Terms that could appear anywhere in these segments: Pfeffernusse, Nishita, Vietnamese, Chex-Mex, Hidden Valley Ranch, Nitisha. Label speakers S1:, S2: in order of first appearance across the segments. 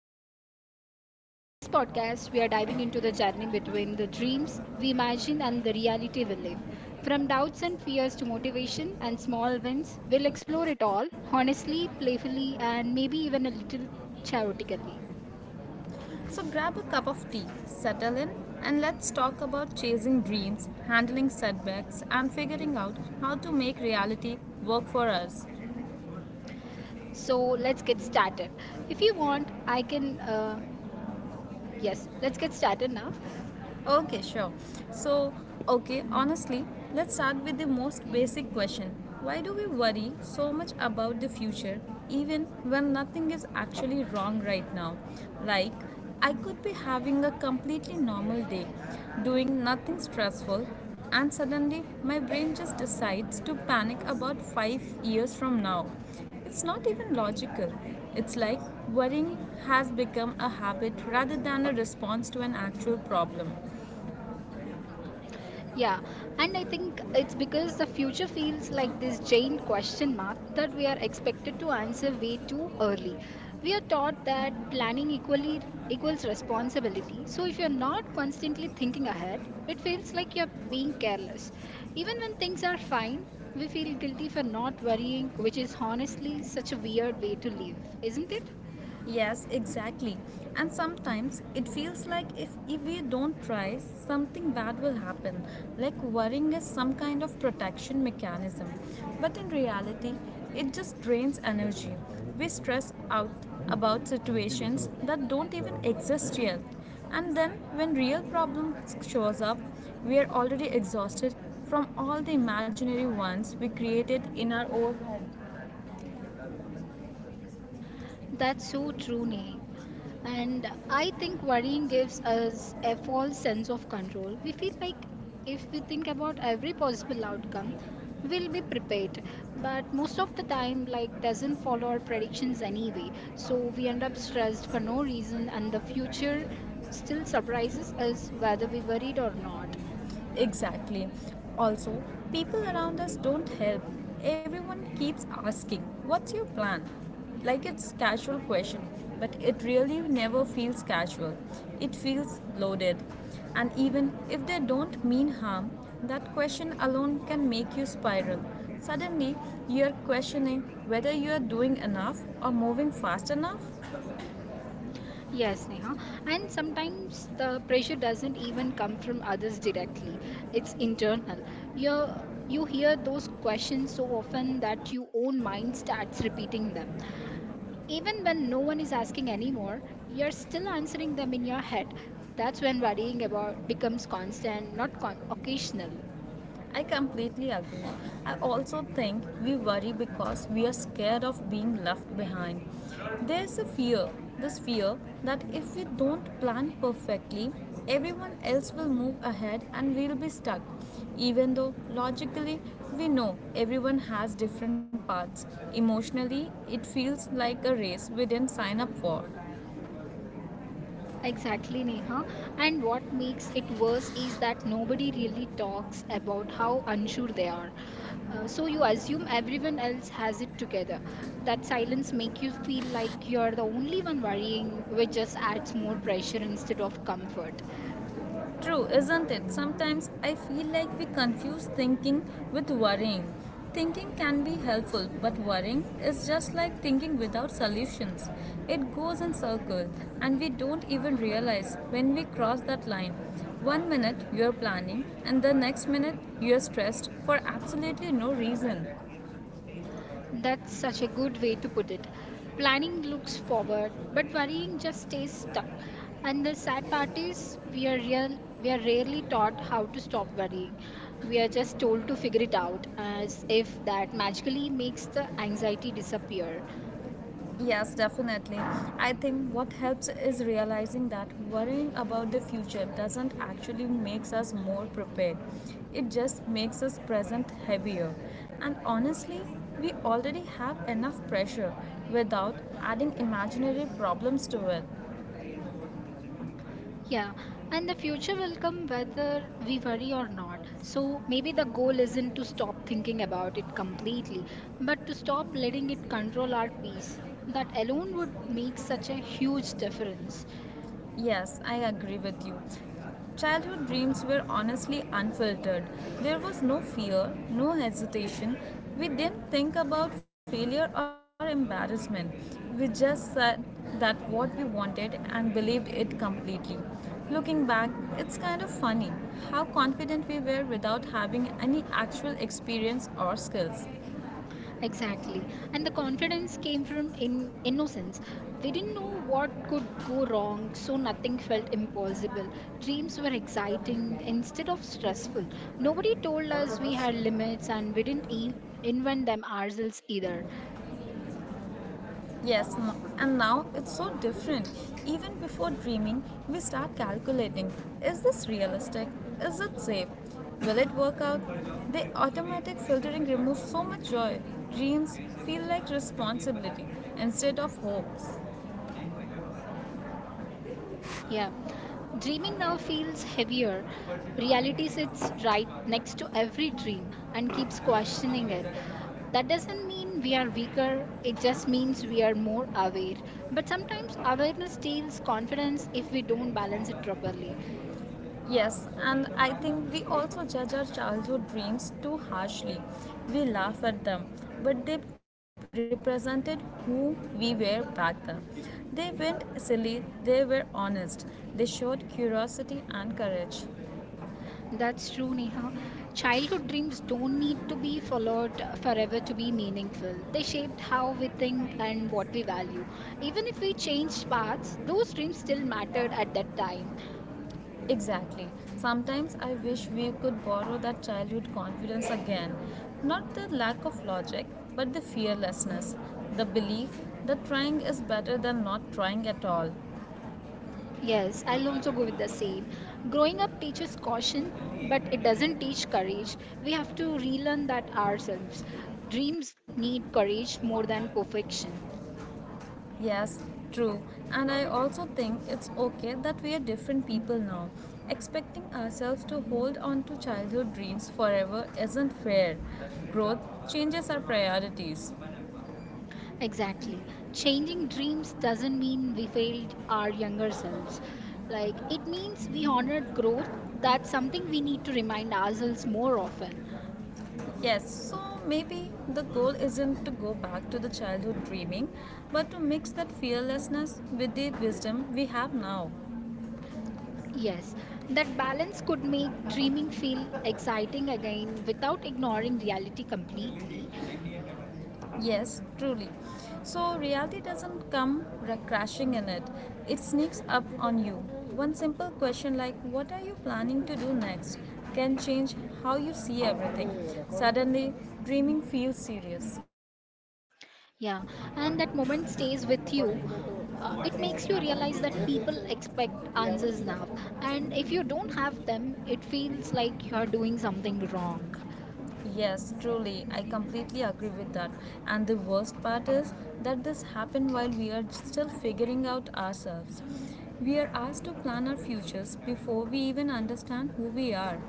S1: And I'm Nitisha. In this podcast, we are diving into the journey between the dreams we imagine and the reality we live. From doubts and fears to motivation and small wins, we'll explore it all honestly, playfully, and maybe even a little chaotically.
S2: So grab a cup of tea, settle in, and let's talk about chasing dreams, handling setbacks, and figuring out how to make reality work for us.
S1: So let's get started. If you want, I can. Yes, let's get started now.
S2: Okay, sure. So, okay, honestly, let's start with the most basic question. Why do we worry so much about the future even when nothing is actually wrong right now? Like, I could be having a completely normal day, doing nothing stressful, and suddenly my brain just decides to panic about 5 years from now. It's not even logical. It's like worrying has become a habit rather than a response to an actual problem.
S1: Yeah, and I think it's because the future feels like this giant question mark that we are expected to answer way too early. We are taught that planning equally equals responsibility. So if you're not constantly thinking ahead, it feels like you're being careless. Even when things are fine, we feel guilty for not worrying, which is honestly such a weird way to live, isn't it?
S2: Yes, exactly. And sometimes it feels like if we don't try, something bad will happen. Like worrying is some kind of protection mechanism. But in reality, it just drains energy. We stress out about situations that don't even exist yet. And then when real problem shows up, we are already exhausted from all the imaginary ones we created in our own head.
S1: That's so true, Neha. And I think worrying gives us a false sense of control. We feel like if we think about every possible outcome, we'll be prepared. But most of the time, like, doesn't follow our predictions anyway. So we end up stressed for no reason, and the future still surprises us whether we worried or not.
S2: Exactly. Also, people around us don't help. Everyone keeps asking, what's your plan? Like it's casual question, but it really never feels casual. It feels loaded. And even if they don't mean harm, that question alone can make you spiral. Suddenly, you're questioning whether you are doing enough or moving fast enough.
S1: Yes, Neha. And sometimes the pressure doesn't even come from others directly. It's internal. You you hear those questions so often that your own mind starts repeating them. Even when no one is asking anymore, you're still answering them in your head. That's when worrying about becomes constant, not con- occasional.
S2: I completely agree. I also think we worry because we are scared of being left behind. There's a fear, this fear that if we don't plan perfectly, everyone else will move ahead and we'll be stuck. Even though logically we know everyone has different paths, emotionally it feels like a race we didn't sign up for.
S1: Exactly, Neha. And what makes it worse is that nobody really talks about how unsure they are. So you assume everyone else has it together. That silence makes you feel like you're the only one worrying, which just adds more pressure instead of comfort.
S2: True, isn't it? Sometimes I feel like we confuse thinking with worrying. Thinking can be helpful, but worrying is just like thinking without solutions. It goes in circles, and we don't even realize when we cross that line. One minute you're planning, and the next minute you're stressed for absolutely no reason.
S1: That's such a good way to put it. Planning looks forward, but worrying just stays stuck. And the sad part is, we are real. we are rarely taught how to stop worrying. We are just told to figure it out, as if that magically makes the anxiety disappear.
S2: Yes, definitely. I think what helps is realizing that worrying about the future doesn't actually makes us more prepared. It just makes us present heavier. And honestly, we already have enough pressure without adding imaginary problems to it.
S1: Yeah, and the future will come whether we worry or not. So maybe the goal isn't to stop thinking about it completely, but to stop letting it control our peace. That alone would make such a huge difference.
S2: Yes, I agree with you. Childhood dreams were honestly unfiltered. There was no fear, no hesitation. We didn't think about failure or embarrassment. We just said that what we wanted and believed it completely. Looking back, it's kind of funny how confident we were without having any actual experience or skills.
S1: Exactly. And the confidence came from in innocence. We didn't know what could go wrong, so nothing felt impossible. Dreams were exciting instead of stressful. Nobody told us we had limits, and we didn't invent them ourselves either.
S2: Yes, and now it's so different. Even before dreaming, we start calculating, is this realistic? Is it safe? Will it work out? The automatic filtering removes so much joy. Dreams feel like responsibility instead of hopes.
S1: Yeah. Dreaming now feels heavier. Reality sits right next to every dream and keeps questioning it. That doesn't mean we are weaker, it just means we are more aware. But sometimes awareness steals confidence if we don't balance it properly.
S2: Yes, and I think we also judge our childhood dreams too harshly. We laugh at them, but they represented who we were back then. They weren't silly, they were honest. They showed curiosity and courage.
S1: That's true, Neha. Childhood dreams don't need to be followed forever to be meaningful. They shaped how we think and what we value. Even if we changed paths, those dreams still mattered at that time.
S2: Exactly. Sometimes I wish we could borrow that childhood confidence again. Not the lack of logic, but the fearlessness, the belief that trying is better than not trying at all.
S1: Yes, I'll also go with the same. Growing up teaches caution, but it doesn't teach courage. We have to relearn that ourselves. Dreams need courage more than perfection.
S2: Yes, true. And I also think it's okay that we are different people now. Expecting ourselves to hold on to childhood dreams forever isn't fair. Growth changes our priorities.
S1: Exactly. Changing dreams doesn't mean we failed our younger selves. Like, it means we honored growth. That's something we need to remind ourselves more often.
S2: Yes, so maybe the goal isn't to go back to the childhood dreaming, but to mix that fearlessness with the wisdom we have now.
S1: Yes, that balance could make dreaming feel exciting again without ignoring reality completely.
S2: Yes, truly. So, reality doesn't come crashing in it, it sneaks up on you. One simple question like, what are you planning to do next, can change how you see everything. Suddenly, dreaming feels serious.
S1: Yeah, and that moment stays with you. It makes you realize that people expect answers now. And if you don't have them, it feels like you're doing something wrong.
S2: Yes, truly, I completely agree with that. And the worst part is that this happened while we are still figuring out ourselves. We are asked to plan our futures before we even understand who we are.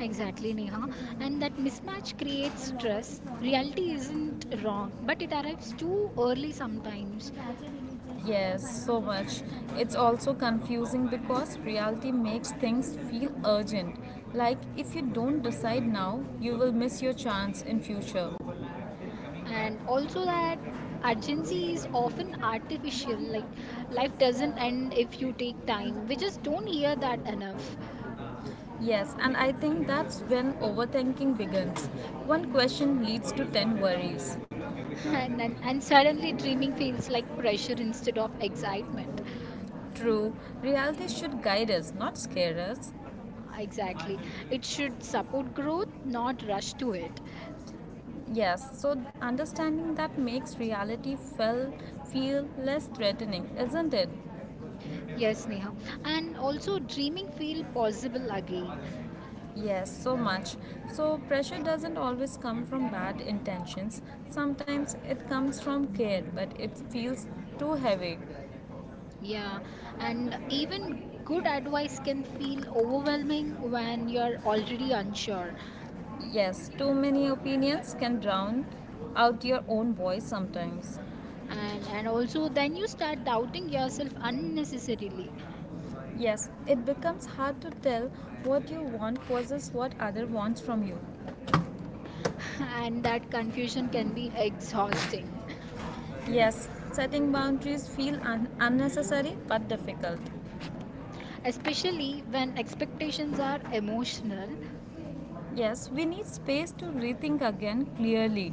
S1: Exactly, Neha. And that mismatch creates stress. Reality isn't wrong, but it arrives too early sometimes.
S2: Yes, so much. It's also confusing because reality makes things feel urgent. Like if you don't decide now, you will miss your chance in future.
S1: And also, that urgency is often artificial. Like, life doesn't end if you take time. We just don't hear that enough.
S2: Yes, and I think that's when overthinking begins. One question leads to 10 worries.
S1: And suddenly dreaming feels like pressure instead of excitement.
S2: True, reality should guide us, not scare us.
S1: Ah, exactly. It should support growth, not rush to it.
S2: Yes, so understanding that makes reality feel less threatening, isn't it?
S1: Yes, Neha. And also, dreaming feel possible again.
S2: Yes, so much. So pressure doesn't always come from bad intentions. Sometimes it comes from care, but it feels too heavy.
S1: Yeah. And even good advice can feel overwhelming when you're already unsure.
S2: Yes, too many opinions can drown out your own voice sometimes.
S1: And also, then you start doubting yourself unnecessarily.
S2: Yes, it becomes hard to tell what you want versus what other wants from you.
S1: And that confusion can be exhausting,
S2: Yes, setting boundaries feel unnecessary but difficult.
S1: especially when expectations are emotional.
S2: Yes, we need space to rethink again clearly.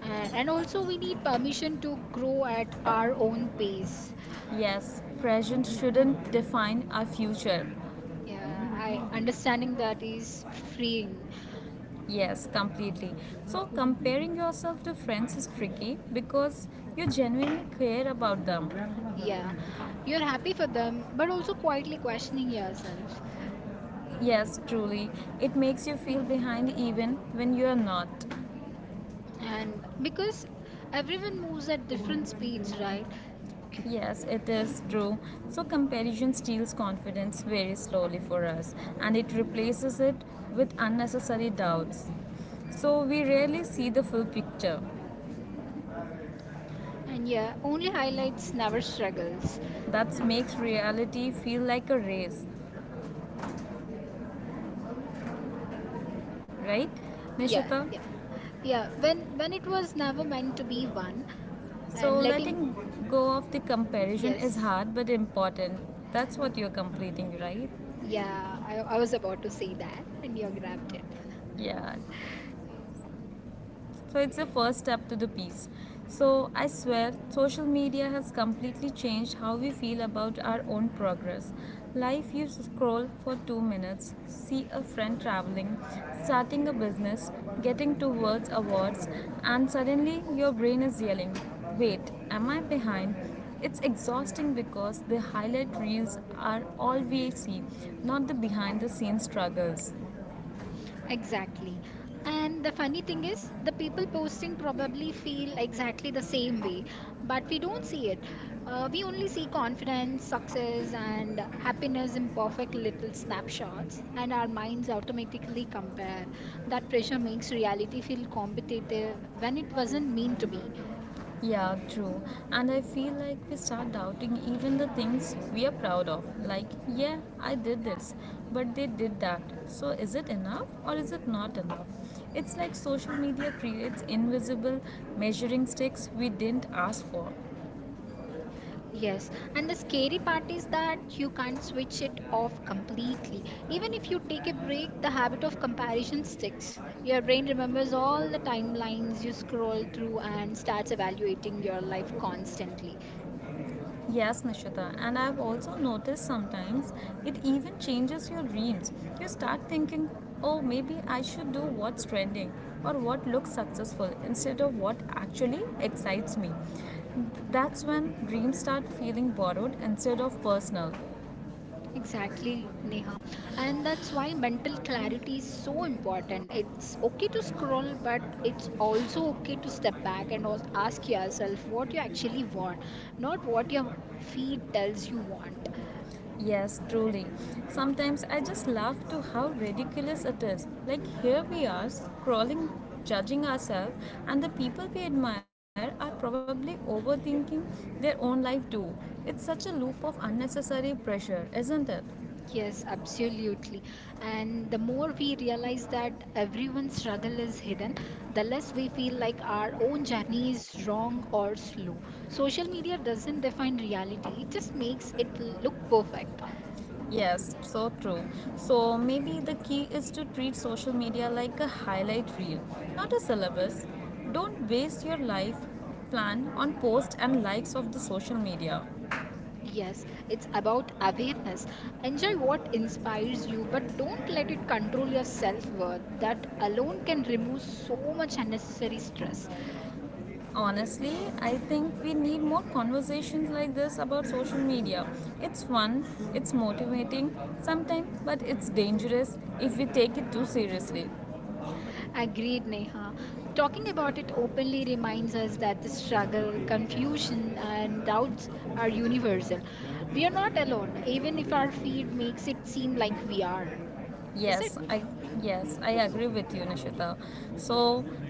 S1: And also, we need permission to grow at our own pace.
S2: Yes, present shouldn't define our future.
S1: Yeah, I Understanding that is freeing.
S2: Yes, completely. So, comparing yourself to friends is tricky because you genuinely care about them.
S1: Yeah, you're happy for them, but also quietly questioning yourself.
S2: Yes, truly. It makes you feel behind even when you are not.
S1: And because everyone moves at different speeds, right?
S2: Yes, it is true. So, comparison steals confidence very slowly for us and it replaces it with unnecessary doubts. So, we rarely see the full picture.
S1: And yeah, only highlights never struggles.
S2: That
S1: And
S2: makes reality feel like a race, right,
S1: yeah,
S2: Nishita?
S1: yeah, yeah. When when it was never meant to be one,
S2: So
S1: and letting
S2: letting go of the comparison is
S1: yes,
S2: hard but important. That's what you're completing, right?
S1: yeah. I was about to say that, and you grabbed it.
S2: Yeah. So it's the first step to the peace. So I swear, social media has completely changed how we feel about our own progress. Life you scroll for 2 minutes, see a friend traveling, starting a business, getting towards awards, and suddenly your brain is yelling, wait, am I behind? It's exhausting because the highlight reels are all we see, not the behind the scenes struggles.
S1: Exactly. And the funny thing is, the people posting probably feel exactly the same way, but we don't see it. We only see confidence, success, and happiness in perfect little snapshots, and our minds automatically compare. That pressure makes reality feel competitive when it wasn't meant to be.
S2: Yeah, true. And I feel like we start doubting even the things we are proud of. Like, yeah, I did this, but they did that. So is it enough or is it not enough? It's like social media creates invisible measuring sticks we didn't ask for.
S1: Yes, and the scary part is that you can't switch it off completely. Even if you take a break, the habit of comparison sticks. Your brain remembers all the timelines you scroll through and starts evaluating your life constantly.
S2: Yes, Nishita, and I've also noticed sometimes it even changes your dreams. You start thinking, oh, maybe I should do what's trending or what looks successful instead of what actually excites me. That's when dreams start feeling borrowed instead of personal.
S1: Exactly, Neha. And that's why mental clarity is so important. It's okay to scroll, but it's also okay to step back and ask yourself what you actually want, not what your feed tells you want.
S2: Yes, truly. Sometimes I just laugh to how ridiculous it is. Like here we are scrolling, judging ourselves, and the people we admire are probably overthinking their own life too. It's such a loop of unnecessary pressure, isn't it?
S1: Yes, absolutely. And the more we realize that everyone's struggle is hidden, the less we feel like our own journey is wrong or slow. Social media doesn't define reality, it just makes it look perfect.
S2: Yes, so true. So maybe the key is to treat social media like a highlight reel, not a syllabus. Don't waste your life plan on posts and likes of the social media.
S1: Yes, it's about awareness. Enjoy what inspires you, but don't let it control your self worth. That alone can remove so much unnecessary stress.
S2: Honestly, I think we need more conversations like this about social media. It's fun, it's motivating sometimes, but it's dangerous if we take it too seriously.
S1: Agreed, Neha. Talking about it openly reminds us that the struggle, confusion, and doubts are universal. We are not alone, even if our feed makes it seem like we are. Is it?
S2: Yes, I yes, I agree with you, Nishita. So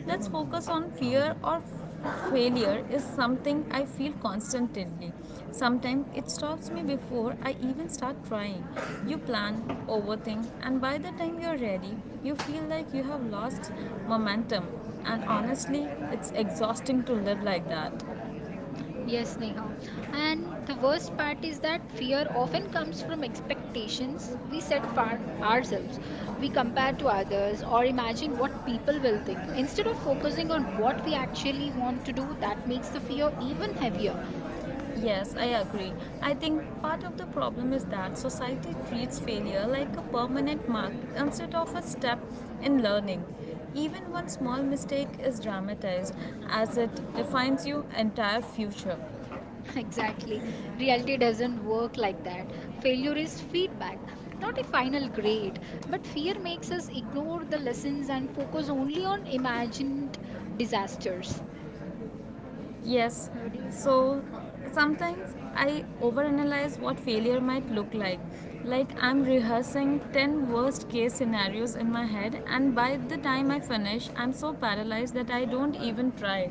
S2: let's focus on fear or failure is something I feel constantly. Sometimes it stops me before I even start trying. You plan, overthink, and by the time you're ready, you feel like you have lost momentum. And honestly, it's exhausting to live like that.
S1: Yes, Neha. And the worst part is that fear often comes from expectations we set for ourselves. We compare to others or imagine what people will think. Instead of focusing on what we actually want to do, that makes the fear even heavier.
S2: Yes, I agree. I think part of the problem is that society treats failure like a permanent mark instead of a step in learning. Even one small mistake is dramatized as it defines your entire future.
S1: Exactly. Reality doesn't work like that. Failure is feedback, not a final grade. But fear makes us ignore the lessons and focus only on imagined disasters.
S2: Yes,
S1: What do you say?
S2: so sometimes I overanalyze what failure might look like. Like I'm rehearsing 10 worst case scenarios in my head, and by the time I finish, I'm so paralyzed that I don't even try.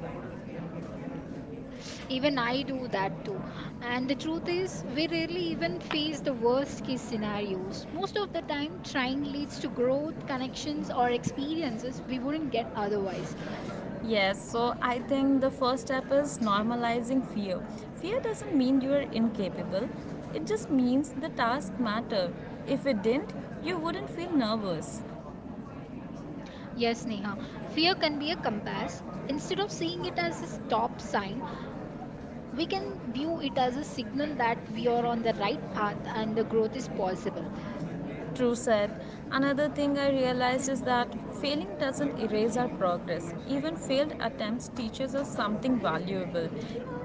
S1: Even I do that too. And the truth is, we rarely even face the worst case scenarios. Most of the time, trying leads to growth, connections, or experiences we wouldn't get otherwise.
S2: Yes, so I think the first step is normalizing fear. Fear doesn't mean you are incapable, it just means the task matter. If it didn't, you wouldn't feel nervous.
S1: Yes, Neha, fear can be a compass. Instead of seeing it as a stop sign, we can view it as a signal that we are on the right path and the growth is possible.
S2: True said. Another thing I realized is that failing doesn't erase our progress. Even failed attempts teaches us something valuable.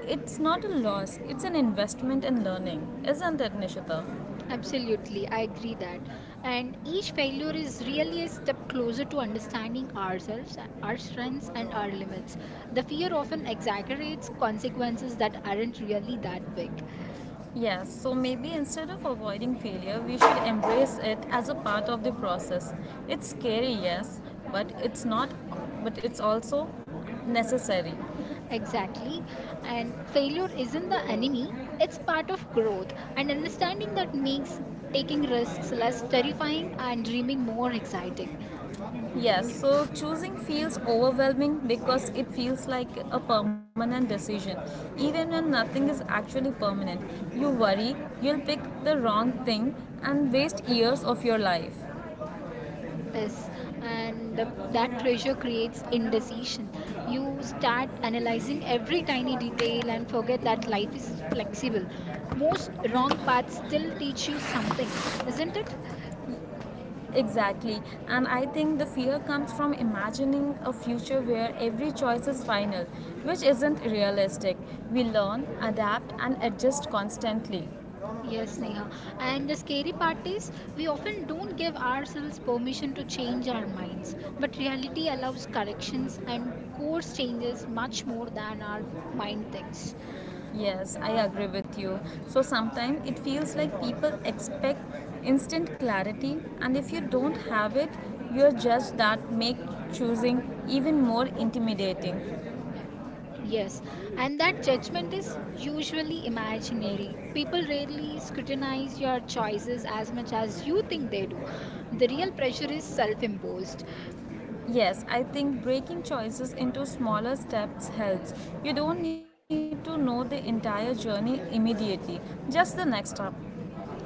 S2: It's not a loss, it's an investment in learning, isn't it, Nishita?
S1: Absolutely, I agree that. And each failure is really a step closer to understanding ourselves, our strengths, and our limits. The fear often exaggerates consequences that aren't really that big.
S2: Yes, so maybe instead of avoiding failure, we should embrace it as a part of the process. It's scary, yes, but it's not, but it's also necessary.
S1: Exactly. And failure isn't the enemy, it's part of growth. And understanding that makes taking risks less terrifying and dreaming more exciting.
S2: Yes,
S1: Yeah.
S2: so choosing feels overwhelming because it feels like a permanent decision. Even when nothing is actually permanent, you worry you'll pick the wrong thing and waste years of your life.
S1: Yes, and that pressure creates indecision. You start analyzing every tiny detail and forget that life is flexible. Most wrong paths still teach you something, isn't it?
S2: Exactly. And I think the fear comes from imagining a future where every choice is final, which isn't realistic. We learn, adapt, and adjust constantly.
S1: Yes, Neha. And the scary part is we often don't give ourselves permission to change our minds, but reality allows corrections and course changes much more than our mind thinks.
S2: Yes, I agree with you. So sometimes it feels like people expect instant clarity, and if you don't have it, you're judged that make choosing even more intimidating.
S1: Yes, and that judgment is usually imaginary. People rarely scrutinize your choices as much as you think they do. The real pressure is self imposed.
S2: Yes, I think breaking choices into smaller steps helps. You don't need to know the entire journey immediately, just the next step.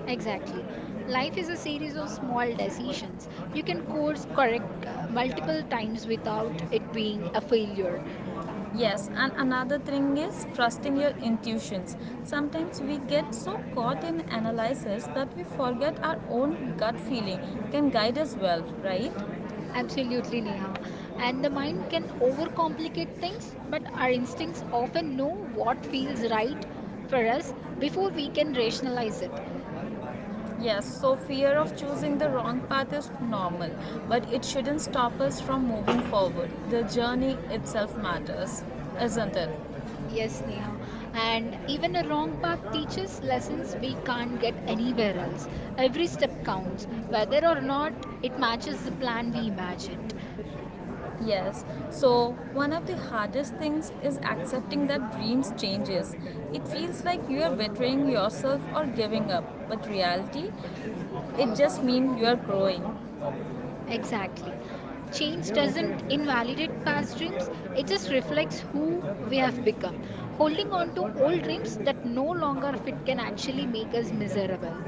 S1: Exactly. Life is a series of small decisions. You can course correct multiple times without it being a failure.
S2: Yes, and another thing is trusting your intuitions. Sometimes we get so caught in analysis that we forget our own gut feeling can guide us well, right?
S1: Absolutely, Neha. And the mind can overcomplicate things, but our instincts often know what feels right for us before we can rationalize it.
S2: Yes, so fear of choosing the wrong path is normal, but it shouldn't stop us from moving forward. The journey itself matters, isn't it?
S1: Yes, Neha. And even a wrong path teaches lessons we can't get anywhere else. Every step counts, whether or not it matches the plan we imagined.
S2: Yes, so one of the hardest things is accepting that dreams changes. It feels like you are bettering yourself or giving up, but reality, it just means you are growing.
S1: Exactly. Change doesn't invalidate past dreams, it just reflects who we have become. Holding on to old dreams that no longer fit can actually make us miserable.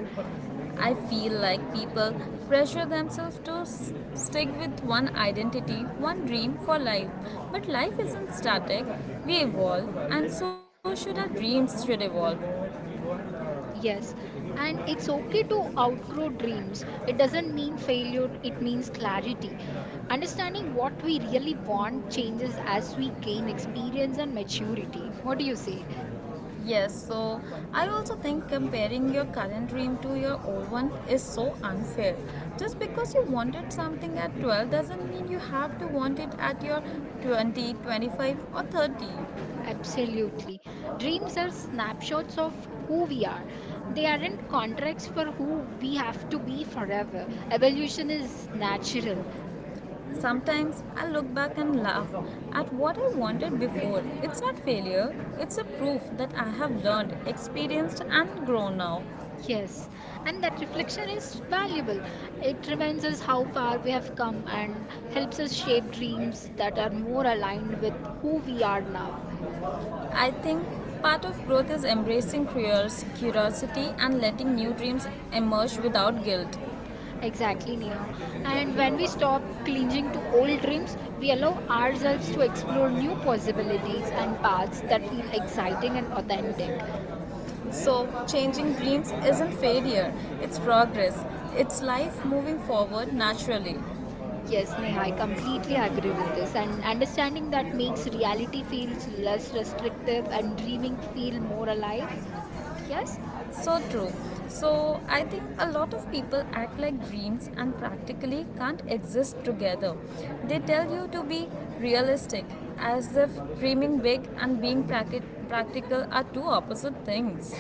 S2: I feel like people pressure themselves to stick with one identity, one dream for life. But life isn't static, we evolve, and so should our dreams should evolve.
S1: Yes, and it's okay to outgrow dreams. It doesn't mean failure, it means clarity. Understanding what we really want changes as we gain experience and maturity. What do you say?
S2: Yes, so I also think comparing your current dream to your old one is so unfair. Just because you wanted something at 12 doesn't mean you have to want it at your 20, 25, or 30.
S1: Absolutely. Dreams are snapshots of who we are, they aren't contracts for who we have to be forever. Evolution is natural.
S2: Sometimes I look back and laugh at what I wanted before. It's not failure, it's a proof that I have learned, experienced, and grown now.
S1: Yes, and that reflection is valuable. It reminds us how far we have come and helps us shape dreams that are more aligned with who we are now.
S2: I think part of growth is embracing curiosity and letting new dreams emerge without guilt.
S1: Exactly, Neha. And when we stop clinging to old dreams, we allow ourselves to explore new possibilities and paths that feel exciting and authentic.
S2: So, changing dreams isn't failure, it's progress. It's life moving forward naturally.
S1: Yes, Neha, I completely agree with this. And understanding that makes reality feels less restrictive and dreaming feel more alive. Yes?
S2: So true. So, I think a lot of people act like dreams and practically can't exist together. They tell you to be realistic, as if dreaming big and being practical are two opposite things.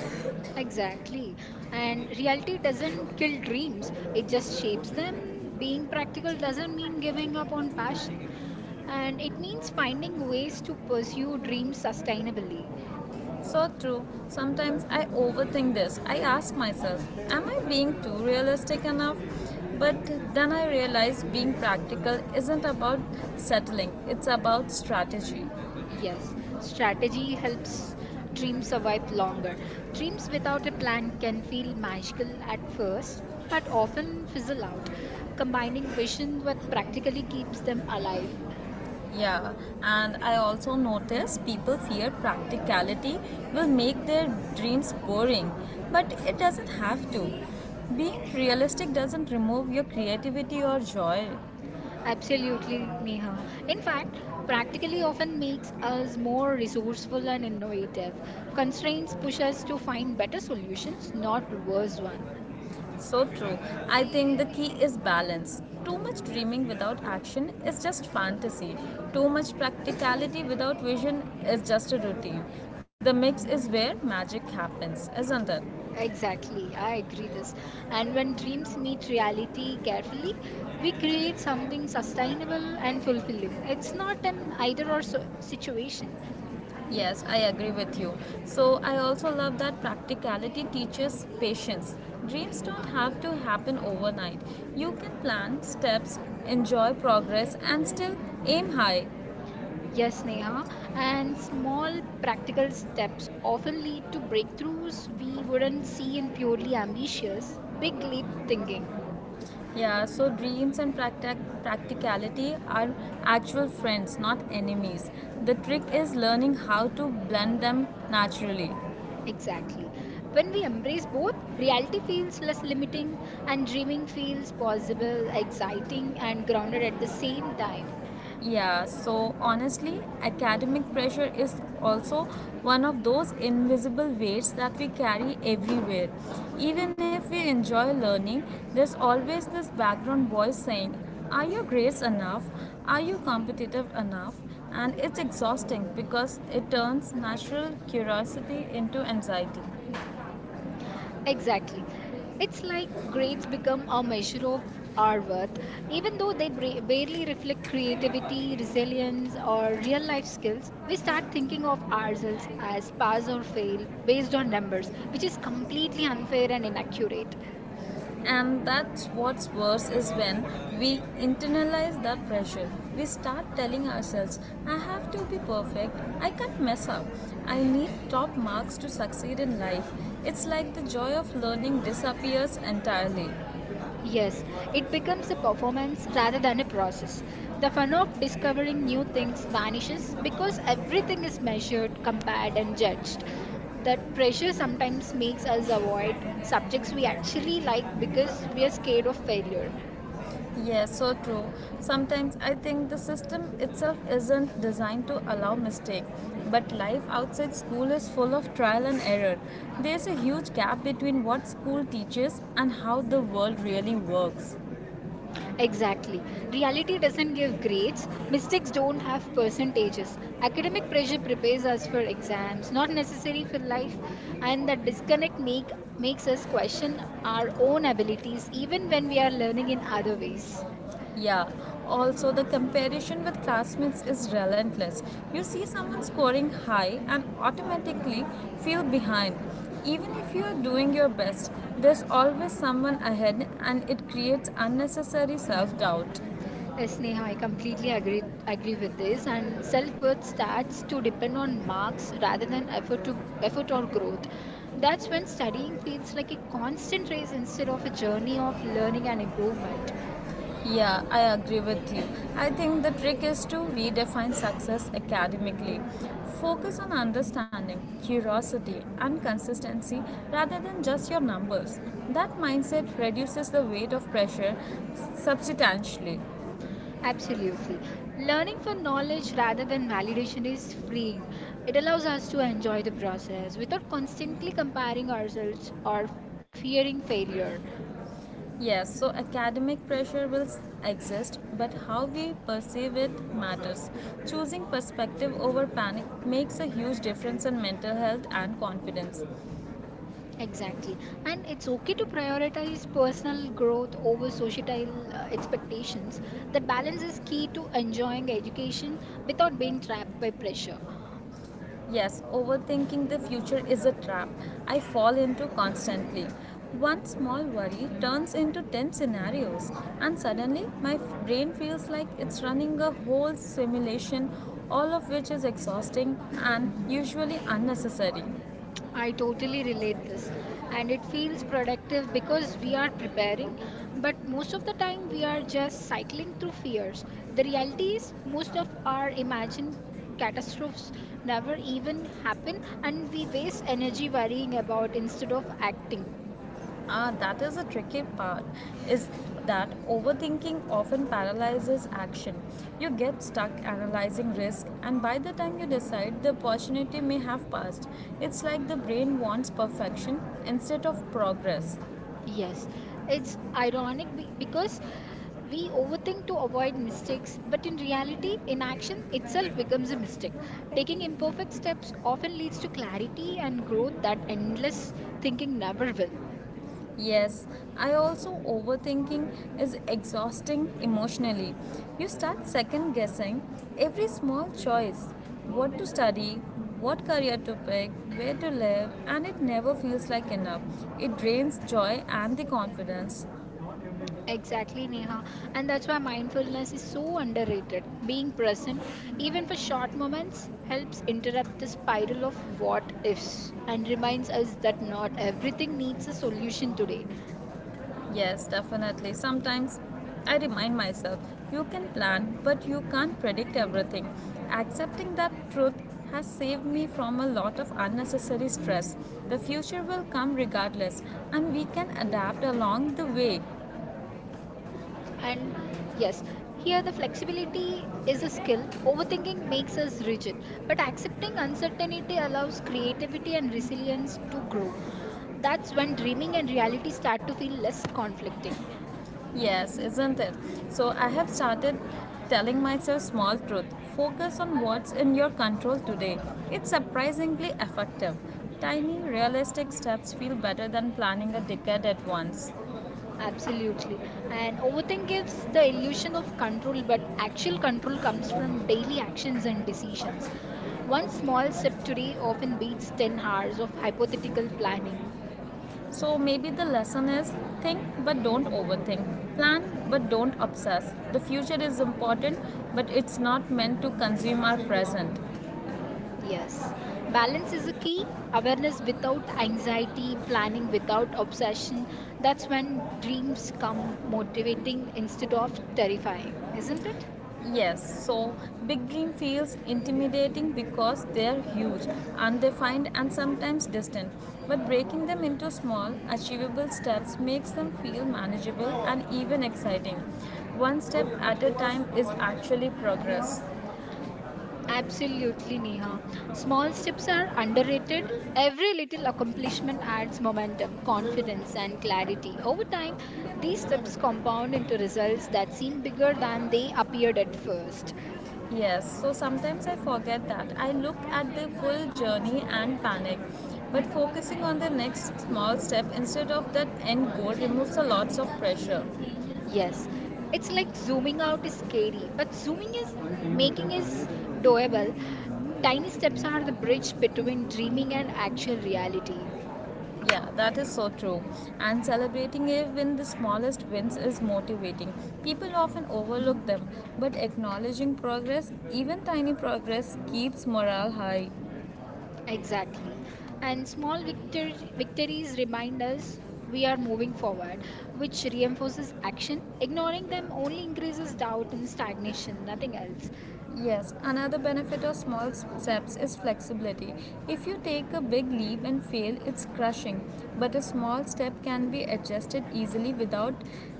S1: Exactly. And reality doesn't kill dreams, it just shapes them. Being practical doesn't mean giving up on passion, and it means finding ways to pursue dreams sustainably.
S2: So true. Sometimes I overthink this. I ask myself, am I being too realistic enough? But then I realize being practical isn't about settling, it's about strategy.
S1: Yes, strategy helps dreams survive longer. Dreams without a plan can feel magical at first, but often fizzle out. Combining vision with practically keeps them alive.
S2: Yeah, and I also notice people fear practicality will make their dreams boring, but it doesn't have to. Being realistic doesn't remove your creativity or joy.
S1: Absolutely, Neha. In fact, practically often makes us more resourceful and innovative. Constraints push us to find better solutions, not worse one.
S2: So true. I think the key is balance. Too much dreaming without action is just fantasy. Too much practicality without vision is just a routine. The mix is where magic happens, isn't it?
S1: Exactly, I agree this. And when dreams meet reality carefully, we create something sustainable and fulfilling. It's not an either or so situation.
S2: Yes, I agree with you. So, I also love that practicality teaches patience. Dreams don't have to happen overnight. You can plan steps, enjoy progress, and still aim high.
S1: Yes, Neha. And small practical steps often lead to breakthroughs we wouldn't see in purely ambitious, big leap thinking.
S2: Yeah, so dreams and practicality are actual friends, not enemies. The trick is learning how to blend them naturally.
S1: Exactly. When we embrace both, reality feels less limiting and dreaming feels possible, exciting, and grounded at the same time.
S2: Yeah, so honestly, academic pressure is also one of those invisible weights that we carry everywhere. Even if we enjoy learning, there's always this background voice saying, are your grades enough? Are you competitive enough? And it's exhausting because it turns natural curiosity into anxiety.
S1: Exactly. It's like grades become a measure of our worth, even though they barely reflect creativity, resilience, or real life skills. We start thinking of ourselves as pass or fail based on numbers, which is completely unfair and inaccurate.
S2: And that's what's worse is when we internalize that pressure. We start telling ourselves, I have to be perfect, I can't mess up, I need top marks to succeed in life. It's like the joy of learning disappears entirely.
S1: Yes, it becomes a performance rather than a process. The fun of discovering new things vanishes because everything is measured, compared, and judged. That pressure sometimes makes us avoid subjects we actually like because we are scared of failure.
S2: Yes, so true. Sometimes I think the system itself isn't designed to allow mistake, but life outside school is full of trial and error. There's a huge gap between what school teaches and how the world really works.
S1: Exactly. Reality doesn't give grades. Mistakes don't have percentages. Academic pressure prepares us for exams, not necessary for life, and that disconnect make makes us question our own abilities even when we are learning in other ways.
S2: Yeah, also the comparison with classmates is relentless. You see someone scoring high and automatically feel behind. Even if you are doing your best, there's always someone ahead and it creates unnecessary self doubt.
S1: Yes, Neha, I completely agree with this. And self-worth starts to depend on marks rather than effort or growth. That's when studying feels like a constant race instead of a journey of learning and improvement.
S2: Yeah, I agree with you. I think the trick is to redefine success academically. Focus on understanding, curiosity, and consistency rather than just your numbers. That mindset reduces the weight of pressure substantially.
S1: Absolutely. Learning for knowledge rather than validation is freeing. It allows us to enjoy the process without constantly comparing ourselves or fearing failure.
S2: Yes, so academic pressure will exist, but how we perceive it matters. Choosing perspective over panic makes a huge difference in mental health and confidence.
S1: Exactly. And it's okay to prioritize personal growth over societal expectations. That balance is key to enjoying education without being trapped by pressure.
S2: Yes, overthinking the future is a trap I fall into constantly. One small worry turns into 10 scenarios, and suddenly my brain feels like it's running a whole simulation, all of which is exhausting and usually unnecessary.
S1: I totally relate this and it feels productive because we are preparing but most of the time we are just cycling through fears. The reality is most of our imagined catastrophes never even happen and we waste energy worrying about instead of acting.
S2: Ah, that is a tricky part. Is that overthinking often paralyzes action. You get stuck analyzing risk, and by the time you decide, the opportunity may have passed. It's like the brain wants perfection instead of progress.
S1: Yes, it's ironic because we overthink to avoid mistakes, but in reality, inaction itself becomes a mistake. Taking imperfect steps often leads to clarity and growth that endless thinking never will.
S2: Yes, I also overthinking is exhausting emotionally. You start second guessing every small choice, what to study, what career to pick, where to live, and it never feels like enough. It drains joy and the confidence.
S1: Exactly, Neha. And that's why mindfulness is so underrated. Being present, even for short moments, helps interrupt the spiral of what ifs and reminds us that not everything needs a solution today.
S2: Yes, definitely. Sometimes I remind myself you can plan, but you can't predict everything. Accepting that truth has saved me from a lot of unnecessary stress. The future will come regardless, and we can adapt along the way.
S1: And yes, here the flexibility is a skill. Overthinking makes us rigid, but accepting uncertainty allows creativity and resilience to grow. That's when dreaming and reality start to feel less conflicting.
S2: Yes, isn't it? So I have started telling myself small truth. Focus on what's in your control today. It's surprisingly effective. Tiny, realistic steps feel better than planning a decade at once.
S1: Absolutely. And overthink gives the illusion of control, but actual control comes from daily actions and decisions. One small step today often beats 10 hours of hypothetical planning.
S2: So maybe the lesson is think but don't overthink. Plan but don't obsess. The future is important but it's not meant to consume our present.
S1: Yes, balance is a key. Awareness without anxiety, planning without obsession. That's when dreams come motivating instead of terrifying, isn't it?
S2: Yes, so big dream feels intimidating because they're huge, undefined and sometimes distant. But breaking them into small, achievable steps makes them feel manageable and even exciting. One step at a time is actually progress.
S1: Absolutely, Neha. Small steps are underrated. Every little accomplishment adds momentum, confidence, and clarity. Over time, these steps compound into results that seem bigger than they appeared at first.
S2: Yes, so sometimes I forget that. I look at the full journey and panic. But focusing on the next small step instead of that end goal removes a lots of pressure.
S1: Yes, it's like zooming out is scary, but zooming is doable. Tiny steps are the bridge between dreaming and actual reality.
S2: Yeah, that is so true. And celebrating even the smallest wins is motivating. People often overlook them, but acknowledging progress, even tiny progress, keeps morale high.
S1: Exactly. And small victories remind us we are moving forward, which reinforces action. Ignoring them only increases doubt and stagnation, nothing else.
S2: Yes, another benefit of small steps is flexibility. If you take a big leap and fail, it's crushing, but a small step can be adjusted easily without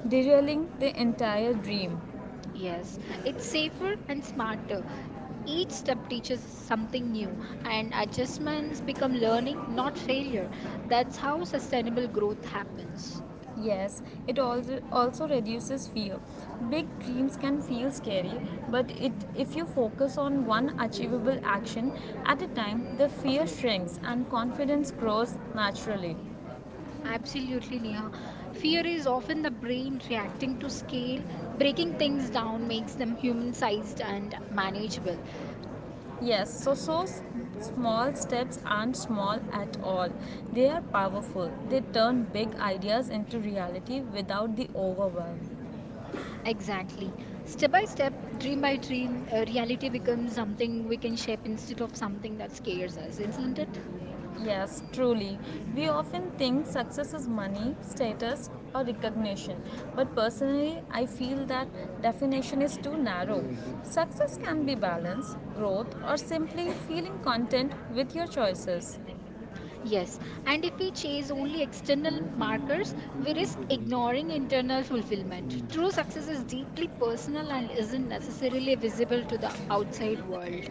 S2: derailing the entire dream.
S1: Yes, it's safer and smarter. Each step teaches something new, and adjustments become learning, not failure. That's how sustainable growth happens.
S2: Yes, it also reduces fear. Big dreams can feel scary, but it if you focus on one achievable action at a time, the fear shrinks and confidence grows naturally.
S1: Absolutely, Neha. Fear is often the brain reacting to scale. Breaking things down makes them human sized and manageable.
S2: Yes, so small steps aren't small at all. They are powerful. They turn big ideas into reality without the overwhelm.
S1: Exactly. Step by step, dream by dream, reality becomes something we can shape instead of something that scares us, isn't it?
S2: Yes, truly. We often think success is money, status, or recognition. But personally, I feel that definition is too narrow. Success can be balance, growth, or simply feeling content with your choices.
S1: Yes, and if we chase only external markers, we risk ignoring internal fulfillment. True success is deeply personal and isn't necessarily visible to the outside world.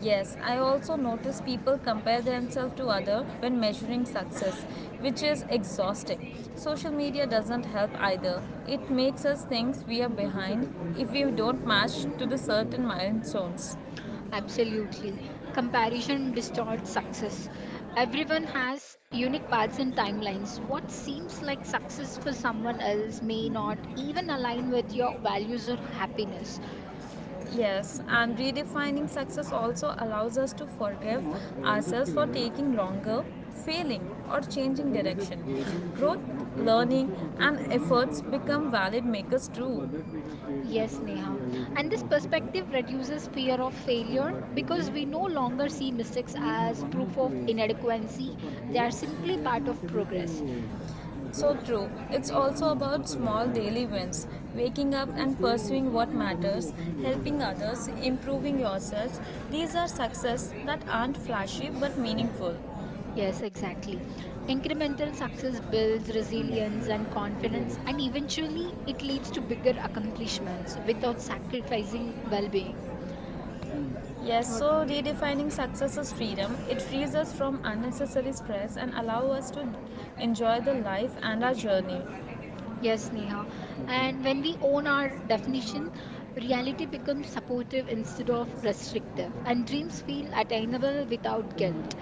S2: Yes, I also notice people compare themselves to other when measuring success, which is exhausting. Social media doesn't help either. It makes us think we are behind if we don't match to the certain milestones.
S1: Absolutely. Comparison distorts success. Everyone has unique paths and timelines. What seems like success for someone else may not even align with your values or happiness.
S2: Yes, and redefining success also allows us to forgive ourselves for taking longer, failing, or changing direction. Growth, learning, and efforts become valid makers too.
S1: Yes, Neha. And this perspective reduces fear of
S2: So
S1: failure
S2: but Vijay
S1: because we no longer see mistakes
S2: and
S1: as
S2: one more
S1: proof of
S2: QA.
S1: inadequacy.
S2: So for
S1: They are
S2: both, so
S1: simply
S2: they are
S1: part
S2: not
S1: of
S2: able
S1: progress.
S2: to. So true. It's also about small daily wins, waking up and pursuing what matters, helping others, improving yourself. These are success that aren't flashy but meaningful.
S1: Yes, exactly. Incremental success builds
S2: Hmm,
S1: resilience and
S2: hmm.
S1: confidence, and eventually it leads to bigger accomplishments without sacrificing well being.
S2: Yes, so redefining success as freedom. It frees us from unnecessary stress and allows us to enjoy the life and our journey.
S1: Yes, Neha. And when
S2: Okay.
S1: we own our definition, reality becomes supportive instead of restrictive, and dreams feel attainable without guilt.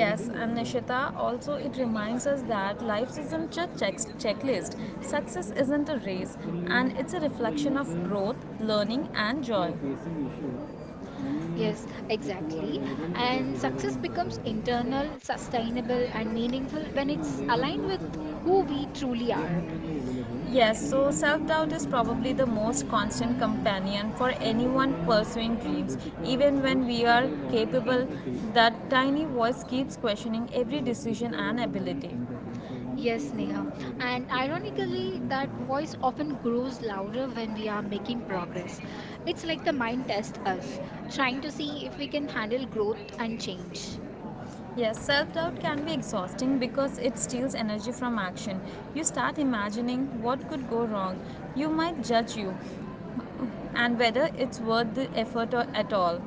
S1: Yeah.
S2: and Nishita, also it reminds us that life isn't just checks, checklist. Success isn't a race, and it's a reflection of growth, learning, and joy.
S1: Yes, exactly. And success becomes
S2: Really.
S1: internal, sustainable, and meaningful when it's aligned with who we truly are.
S2: Yes,
S1: Yeah.
S2: so self doubt is probably the most constant companion for anyone pursuing dreams. Even when we are capable, that tiny voice keeps questioning every decision and ability.
S1: Yes, Neha. And ironically, that voice often grows louder when we are making progress. It's like the mind tests us, trying to see if we can handle growth and change.
S2: Yes, self doubt can be exhausting because it steals energy from action. You start imagining what could go wrong. You might judge you, and whether it's worth the effort or at all.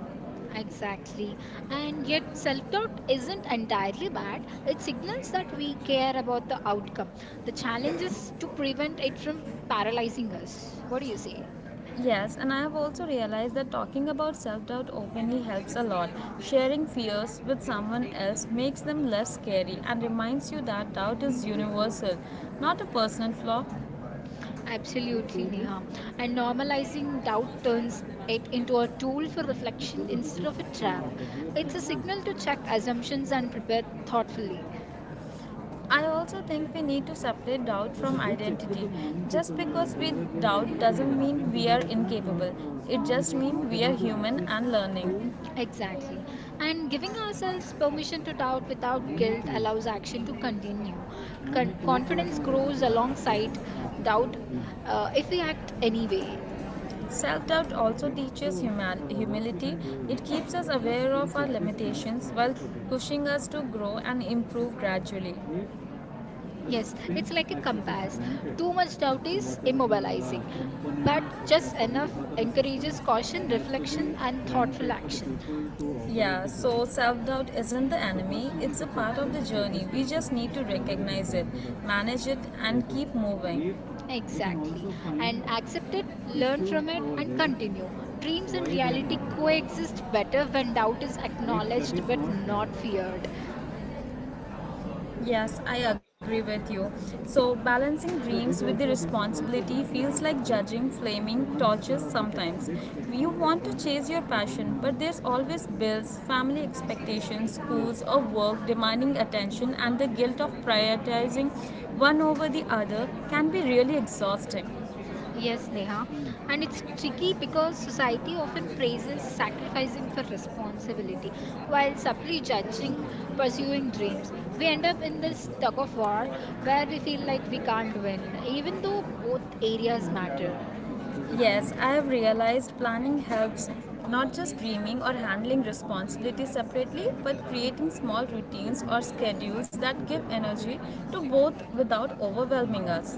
S1: Exactly. And yet, self doubt isn't entirely bad. It signals that we care about the outcome. The challenge is to prevent it from paralyzing us. What do you say?
S2: Yes, and I have also realized that talking about self doubt openly helps a lot. Sharing fears with someone else makes them less scary and reminds you that doubt is universal, not a personal flaw.
S1: Absolutely, Neha. And normalizing doubt turns it into a tool for reflection instead of a trap. It's a signal to check assumptions and prepare thoughtfully.
S2: I also think we need to separate doubt from identity. Just because we doubt doesn't mean we are incapable, it just means we are human and learning.
S1: Exactly. And giving ourselves permission to doubt without guilt allows action to continue. Confidence grows alongside doubt if we act anyway.
S2: Self doubt also teaches humility. It keeps us aware of our limitations while pushing us to grow and improve gradually. The
S1: Yes, it's like a
S2: fifth access is
S1: compass.
S2: granted.
S1: Too much doubt
S2: So
S1: is
S2: whatever the
S1: immobilizing, but
S2: components
S1: just
S2: has to be,
S1: enough
S2: whatever the
S1: encourages
S2: systems
S1: caution,
S2: has to be
S1: reflection, and thoughtful
S2: granted for the
S1: action.
S2: people to operate. Yeah, so self doubt isn't the enemy, it's a part of the journey. We just need to recognize it, manage it, and keep moving. If we can
S1: Exactly.
S2: also find
S1: And accept it, learn
S2: issue
S1: from it,
S2: over
S1: and
S2: there,
S1: continue. Dreams and
S2: why they are
S1: reality
S2: not there.
S1: coexist better when doubt is
S2: If that is
S1: acknowledged but
S2: not there,
S1: not feared.
S2: yes, I agree with you. So, balancing dreams with the responsibility feels like judging flaming torches sometimes. You want to chase your passion, but there's always bills, family expectations, schools, or work demanding attention, and the guilt of prioritizing one over the other can be really exhausting.
S1: Yes, Neha. And it's tricky because society often praises sacrificing for responsibility while subtly judging pursuing dreams. We end up in this tug of war where we feel like we can't win, even though both areas matter.
S2: Yes, I have realized planning helps not just dreaming or handling responsibilities separately, but creating small routines or schedules that give energy to both without overwhelming us.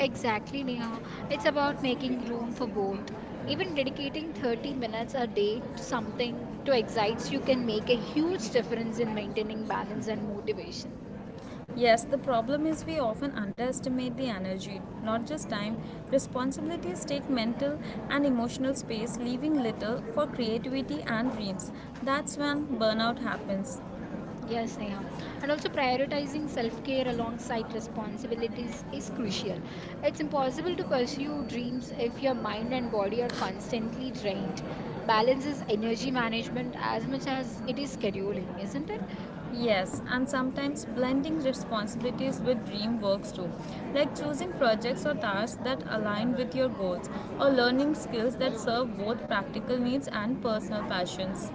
S1: Exactly, Neha. It's about making room for both. Even dedicating 30 minutes a day to something to excites you can make a huge difference in maintaining balance and motivation.
S2: Yes, the problem is we often underestimate the energy, not just time. Responsibilities take mental and emotional space, leaving little for creativity and dreams. That's when burnout happens.
S1: Yes, Neha. And also, prioritizing self care alongside responsibilities is crucial. It's impossible to pursue dreams if your mind and body are constantly drained. Balance is energy management as much as it is scheduling, isn't it?
S2: Yes, and sometimes blending responsibilities with dream works too, like choosing projects or tasks that align with your goals or learning skills that serve both practical needs and personal passions.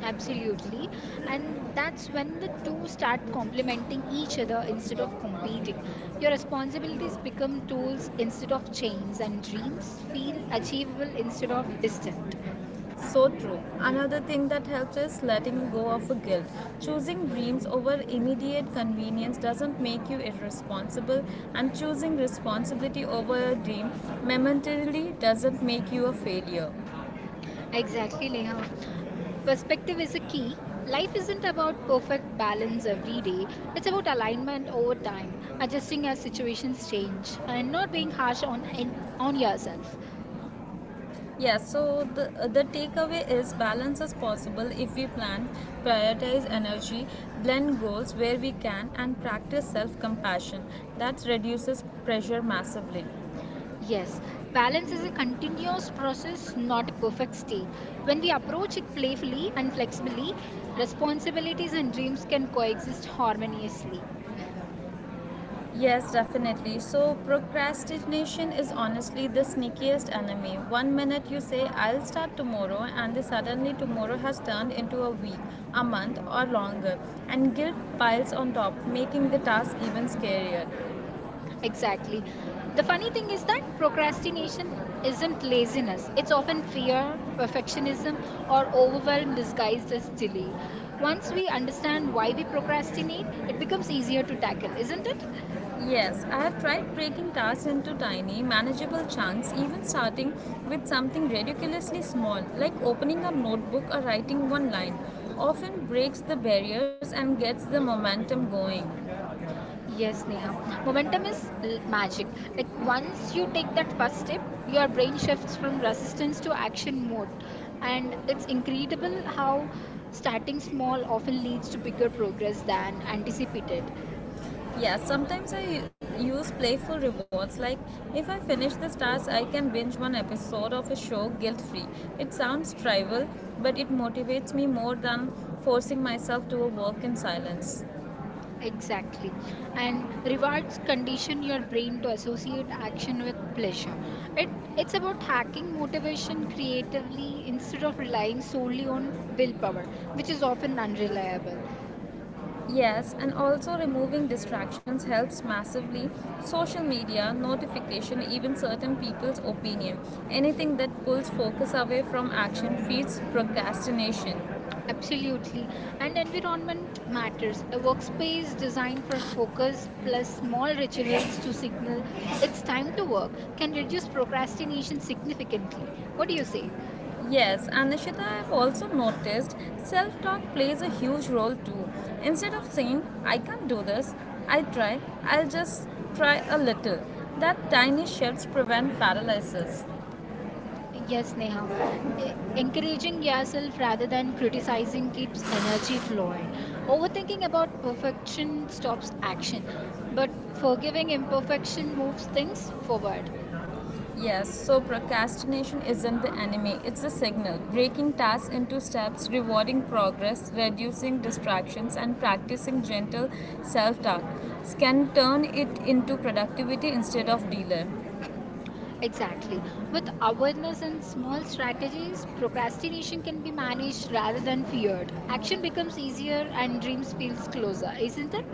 S1: Absolutely. And that's when the two start complementing each other instead of competing. Your responsibilities become tools instead of chains, and dreams feel achievable instead of distant.
S2: So true. Another thing that helps is letting go of a guilt. Choosing dreams over immediate convenience doesn't make you irresponsible, and choosing responsibility over a dream momentarily doesn't make you a failure.
S1: Exactly, Neha. Perspective is a key. Life isn't about perfect balance every day. It's about alignment over time, adjusting as situations change, and not being harsh on on yourself.
S2: Yeah, so the takeaway is balance is possible if we plan, prioritize energy, blend goals where we can, and practice self compassion. That reduces pressure massively.
S1: Yes, balance is a continuous process, not a perfect state. When we approach it playfully and flexibly, responsibilities and dreams can coexist harmoniously.
S2: Yes, definitely. So, procrastination is honestly the sneakiest enemy. One minute you say, I'll start tomorrow, and then suddenly tomorrow has turned into a week, a month, or longer. And guilt piles on top, making the task even scarier.
S1: Exactly. The funny thing is that procrastination isn't laziness. It's often fear, perfectionism, or overwhelm disguised as delay. Once we understand why we procrastinate, it becomes easier to tackle, isn't it?
S2: Yes, I have tried breaking tasks into tiny, manageable chunks, even starting with something ridiculously small, like opening a notebook or writing one line, often breaks the barriers and gets the momentum going.
S1: Yes, Neha. Momentum is magic. Like once you take that first step, your brain shifts from resistance to action mode. And it's incredible how starting small often leads to bigger progress than anticipated.
S2: Yeah, sometimes I use playful rewards like if I finish this task, I can binge one episode of a show guilt free. It sounds trivial, but it motivates me more than forcing myself to a work in silence.
S1: Exactly. And rewards condition your brain to associate action with pleasure. It, it's about hacking motivation creatively instead of relying solely on willpower, which is often unreliable.
S2: Yes, and also removing distractions helps massively. Social media, notification, even certain people's opinion. Anything that pulls focus away from action feeds procrastination.
S1: Absolutely. And environment matters. A workspace designed for focus plus small rituals to signal it's time to work can reduce procrastination significantly. What do you say?
S2: Yes, and Nishita, I've also noticed self talk plays a huge role too. Instead of saying, I can't do this, I try, I'll just try a little. That tiny shifts prevent paralysis.
S1: Yes, Neha. Encouraging yourself rather than criticizing keeps energy flowing. Overthinking about perfection stops action, but forgiving imperfection moves things forward.
S2: Yes, so procrastination isn't the enemy, it's a signal. Breaking tasks into steps, rewarding progress, reducing distractions, and practicing gentle self talk can turn it into productivity instead of delay.
S1: Exactly. With awareness and small strategies, procrastination can be managed rather than feared. Action becomes easier and dreams feels closer, isn't it?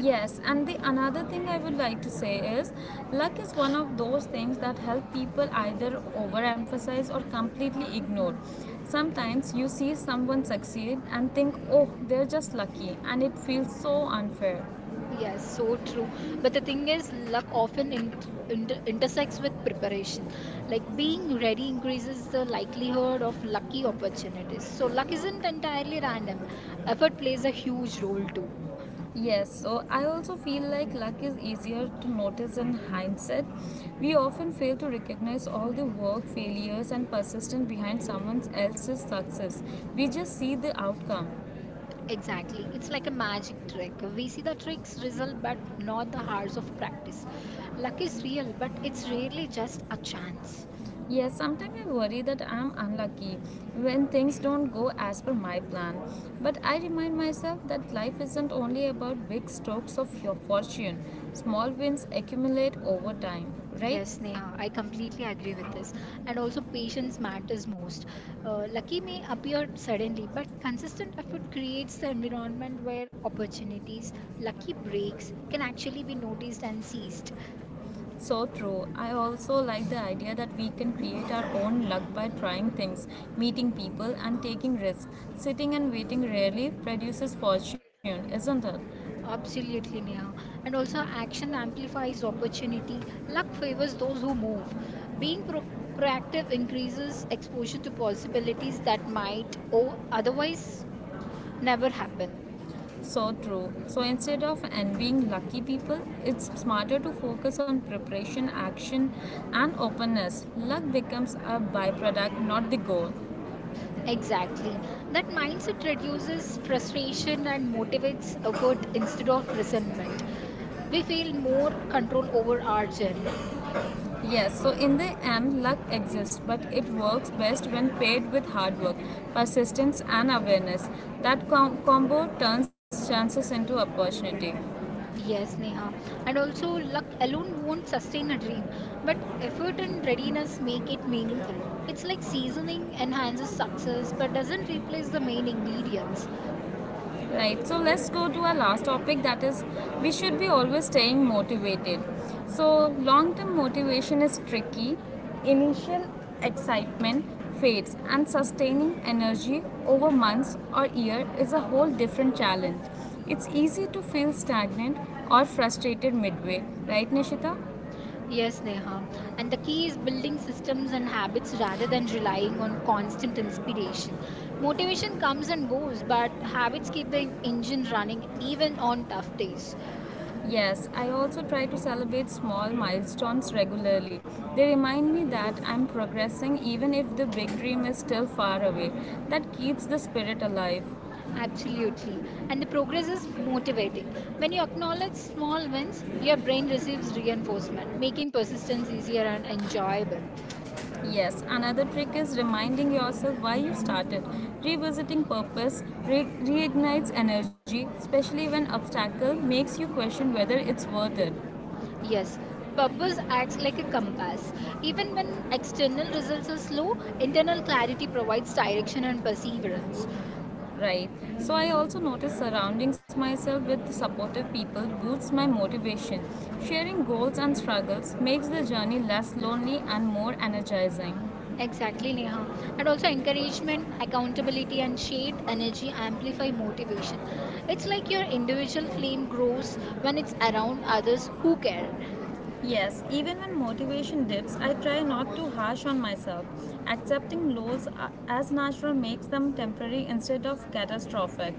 S2: Yes, and the another thing I would like to say is luck is one of those things that help people either overemphasize or completely ignore. Sometimes you see someone succeed and think, oh, they're just lucky, and it feels so unfair.
S1: Yes, so true. But the thing is, luck often intersects with preparation. Like being ready increases the likelihood of lucky opportunities. So, luck isn't entirely random, effort plays a huge role too.
S2: Yes, so I also feel like luck is easier to notice in hindsight. We often fail to recognize all the work, failures, and persistence behind someone else's success. We just see the outcome.
S1: Exactly. It's like a magic trick. We see the tricks result, but not the hours of practice. Luck is real, but it's rarely just a chance.
S2: Yes, sometimes I worry that I'm unlucky when things don't go as per my plan. But I remind myself that life isn't only about big strokes of your fortune, small wins accumulate over time, right?
S1: Yes, Neha, I completely agree with this. And also, patience matters most. Lucky may appear suddenly, but consistent effort creates the environment where opportunities, lucky breaks, can actually be noticed and seized.
S2: So true. I also like the idea that we can create our own luck by trying things, meeting people, and taking risks. Sitting and waiting rarely produces fortune, isn't it?
S1: Absolutely, Neha. And also, action amplifies opportunity. Luck favors those who move. Being proactive increases exposure to possibilities that might o otherwise never happen.
S2: So true. So instead of envying lucky people, it's smarter to focus on preparation, action, and openness. Luck becomes a byproduct, not the goal.
S1: Exactly. That mindset reduces frustration and motivates effort instead of resentment. We feel more control over our journey.
S2: Yes, so in the end, luck exists, but it works best when paired with hard work, persistence, and awareness. That combo turns chances into opportunity.
S1: Yes, Neha. And also, luck alone won't sustain a dream, but effort and readiness make it meaningful. It's like seasoning enhances success but doesn't replace the main ingredients.
S2: Right, so let's go to our last topic, that is, we should be always staying motivated. So, long term motivation is tricky, initial excitement fades, and sustaining energy over months or year is a whole different challenge. It's easy to feel stagnant or frustrated midway, right, Nishita?
S1: Yes, Neha. And the key is building systems and habits rather than relying on constant inspiration. Motivation comes and goes, but habits keep the engine running even on tough days.
S2: Yes, I also try to celebrate small milestones regularly. They remind me that I'm progressing even if the big dream is still far away. That keeps the spirit alive.
S1: Absolutely. And the progress is motivating. When you acknowledge small wins, your brain receives reinforcement, making persistence easier and enjoyable.
S2: Yes, another trick is reminding yourself why you started. Revisiting purpose reignites energy, especially when obstacle makes you question whether it's worth it.
S1: Yes. Purpose acts like a compass. Even when external results are slow, internal clarity provides direction and perseverance.
S2: Right. So I also notice surroundings myself with supportive people boosts my motivation. Sharing goals and struggles makes the journey less lonely and more energizing.
S1: Exactly, Neha. And also, encouragement, accountability, and shared energy amplify motivation. It's like your individual flame grows when it's around others who care.
S2: Yes, even when motivation dips, I try not to harsh on myself. Accepting lows as natural makes them temporary instead of catastrophic.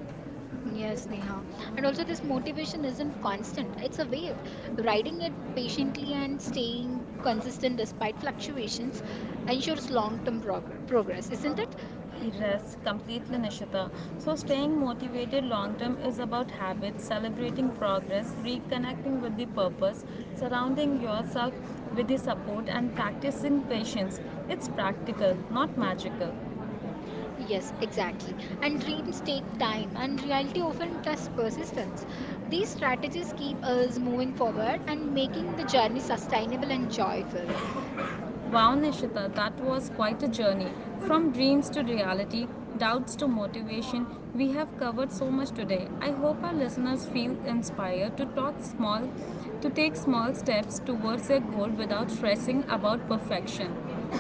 S1: Yes, Neha. And also, this motivation isn't constant, it's a wave. Riding it patiently and staying consistent despite fluctuations ensures long term progress, isn't it? Yeah.
S2: Rest completely, Nishita. So staying motivated long term is about habits, celebrating progress, reconnecting with the purpose, surrounding yourself with the support, and practicing patience. It's practical, not magical.
S1: Yes, exactly. And dreams take time, and reality often tests persistence. These strategies keep us moving forward and making the journey sustainable and joyful.
S2: Wow, Nishita, that was quite a journey. From dreams to reality, doubts to motivation, we have covered so much today. I hope our listeners feel inspired to talk small, to take small steps towards their goal without stressing about perfection.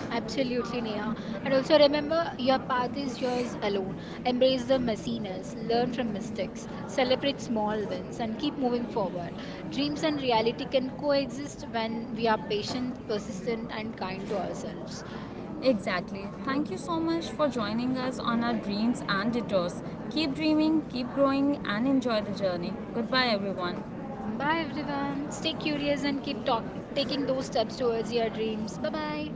S1: Absolutely, Neha. And also remember, your path is yours alone. Embrace the messiness, learn from mistakes, celebrate small wins, and keep moving forward. Dreams and reality can coexist when we are patient, persistent, and kind to ourselves.
S2: Exactly. Thank you so much for joining us on our dreams and detours. Keep dreaming, keep growing, and enjoy the journey. Goodbye, everyone.
S1: Bye everyone. Stay curious and keep taking those steps towards your dreams. Bye bye.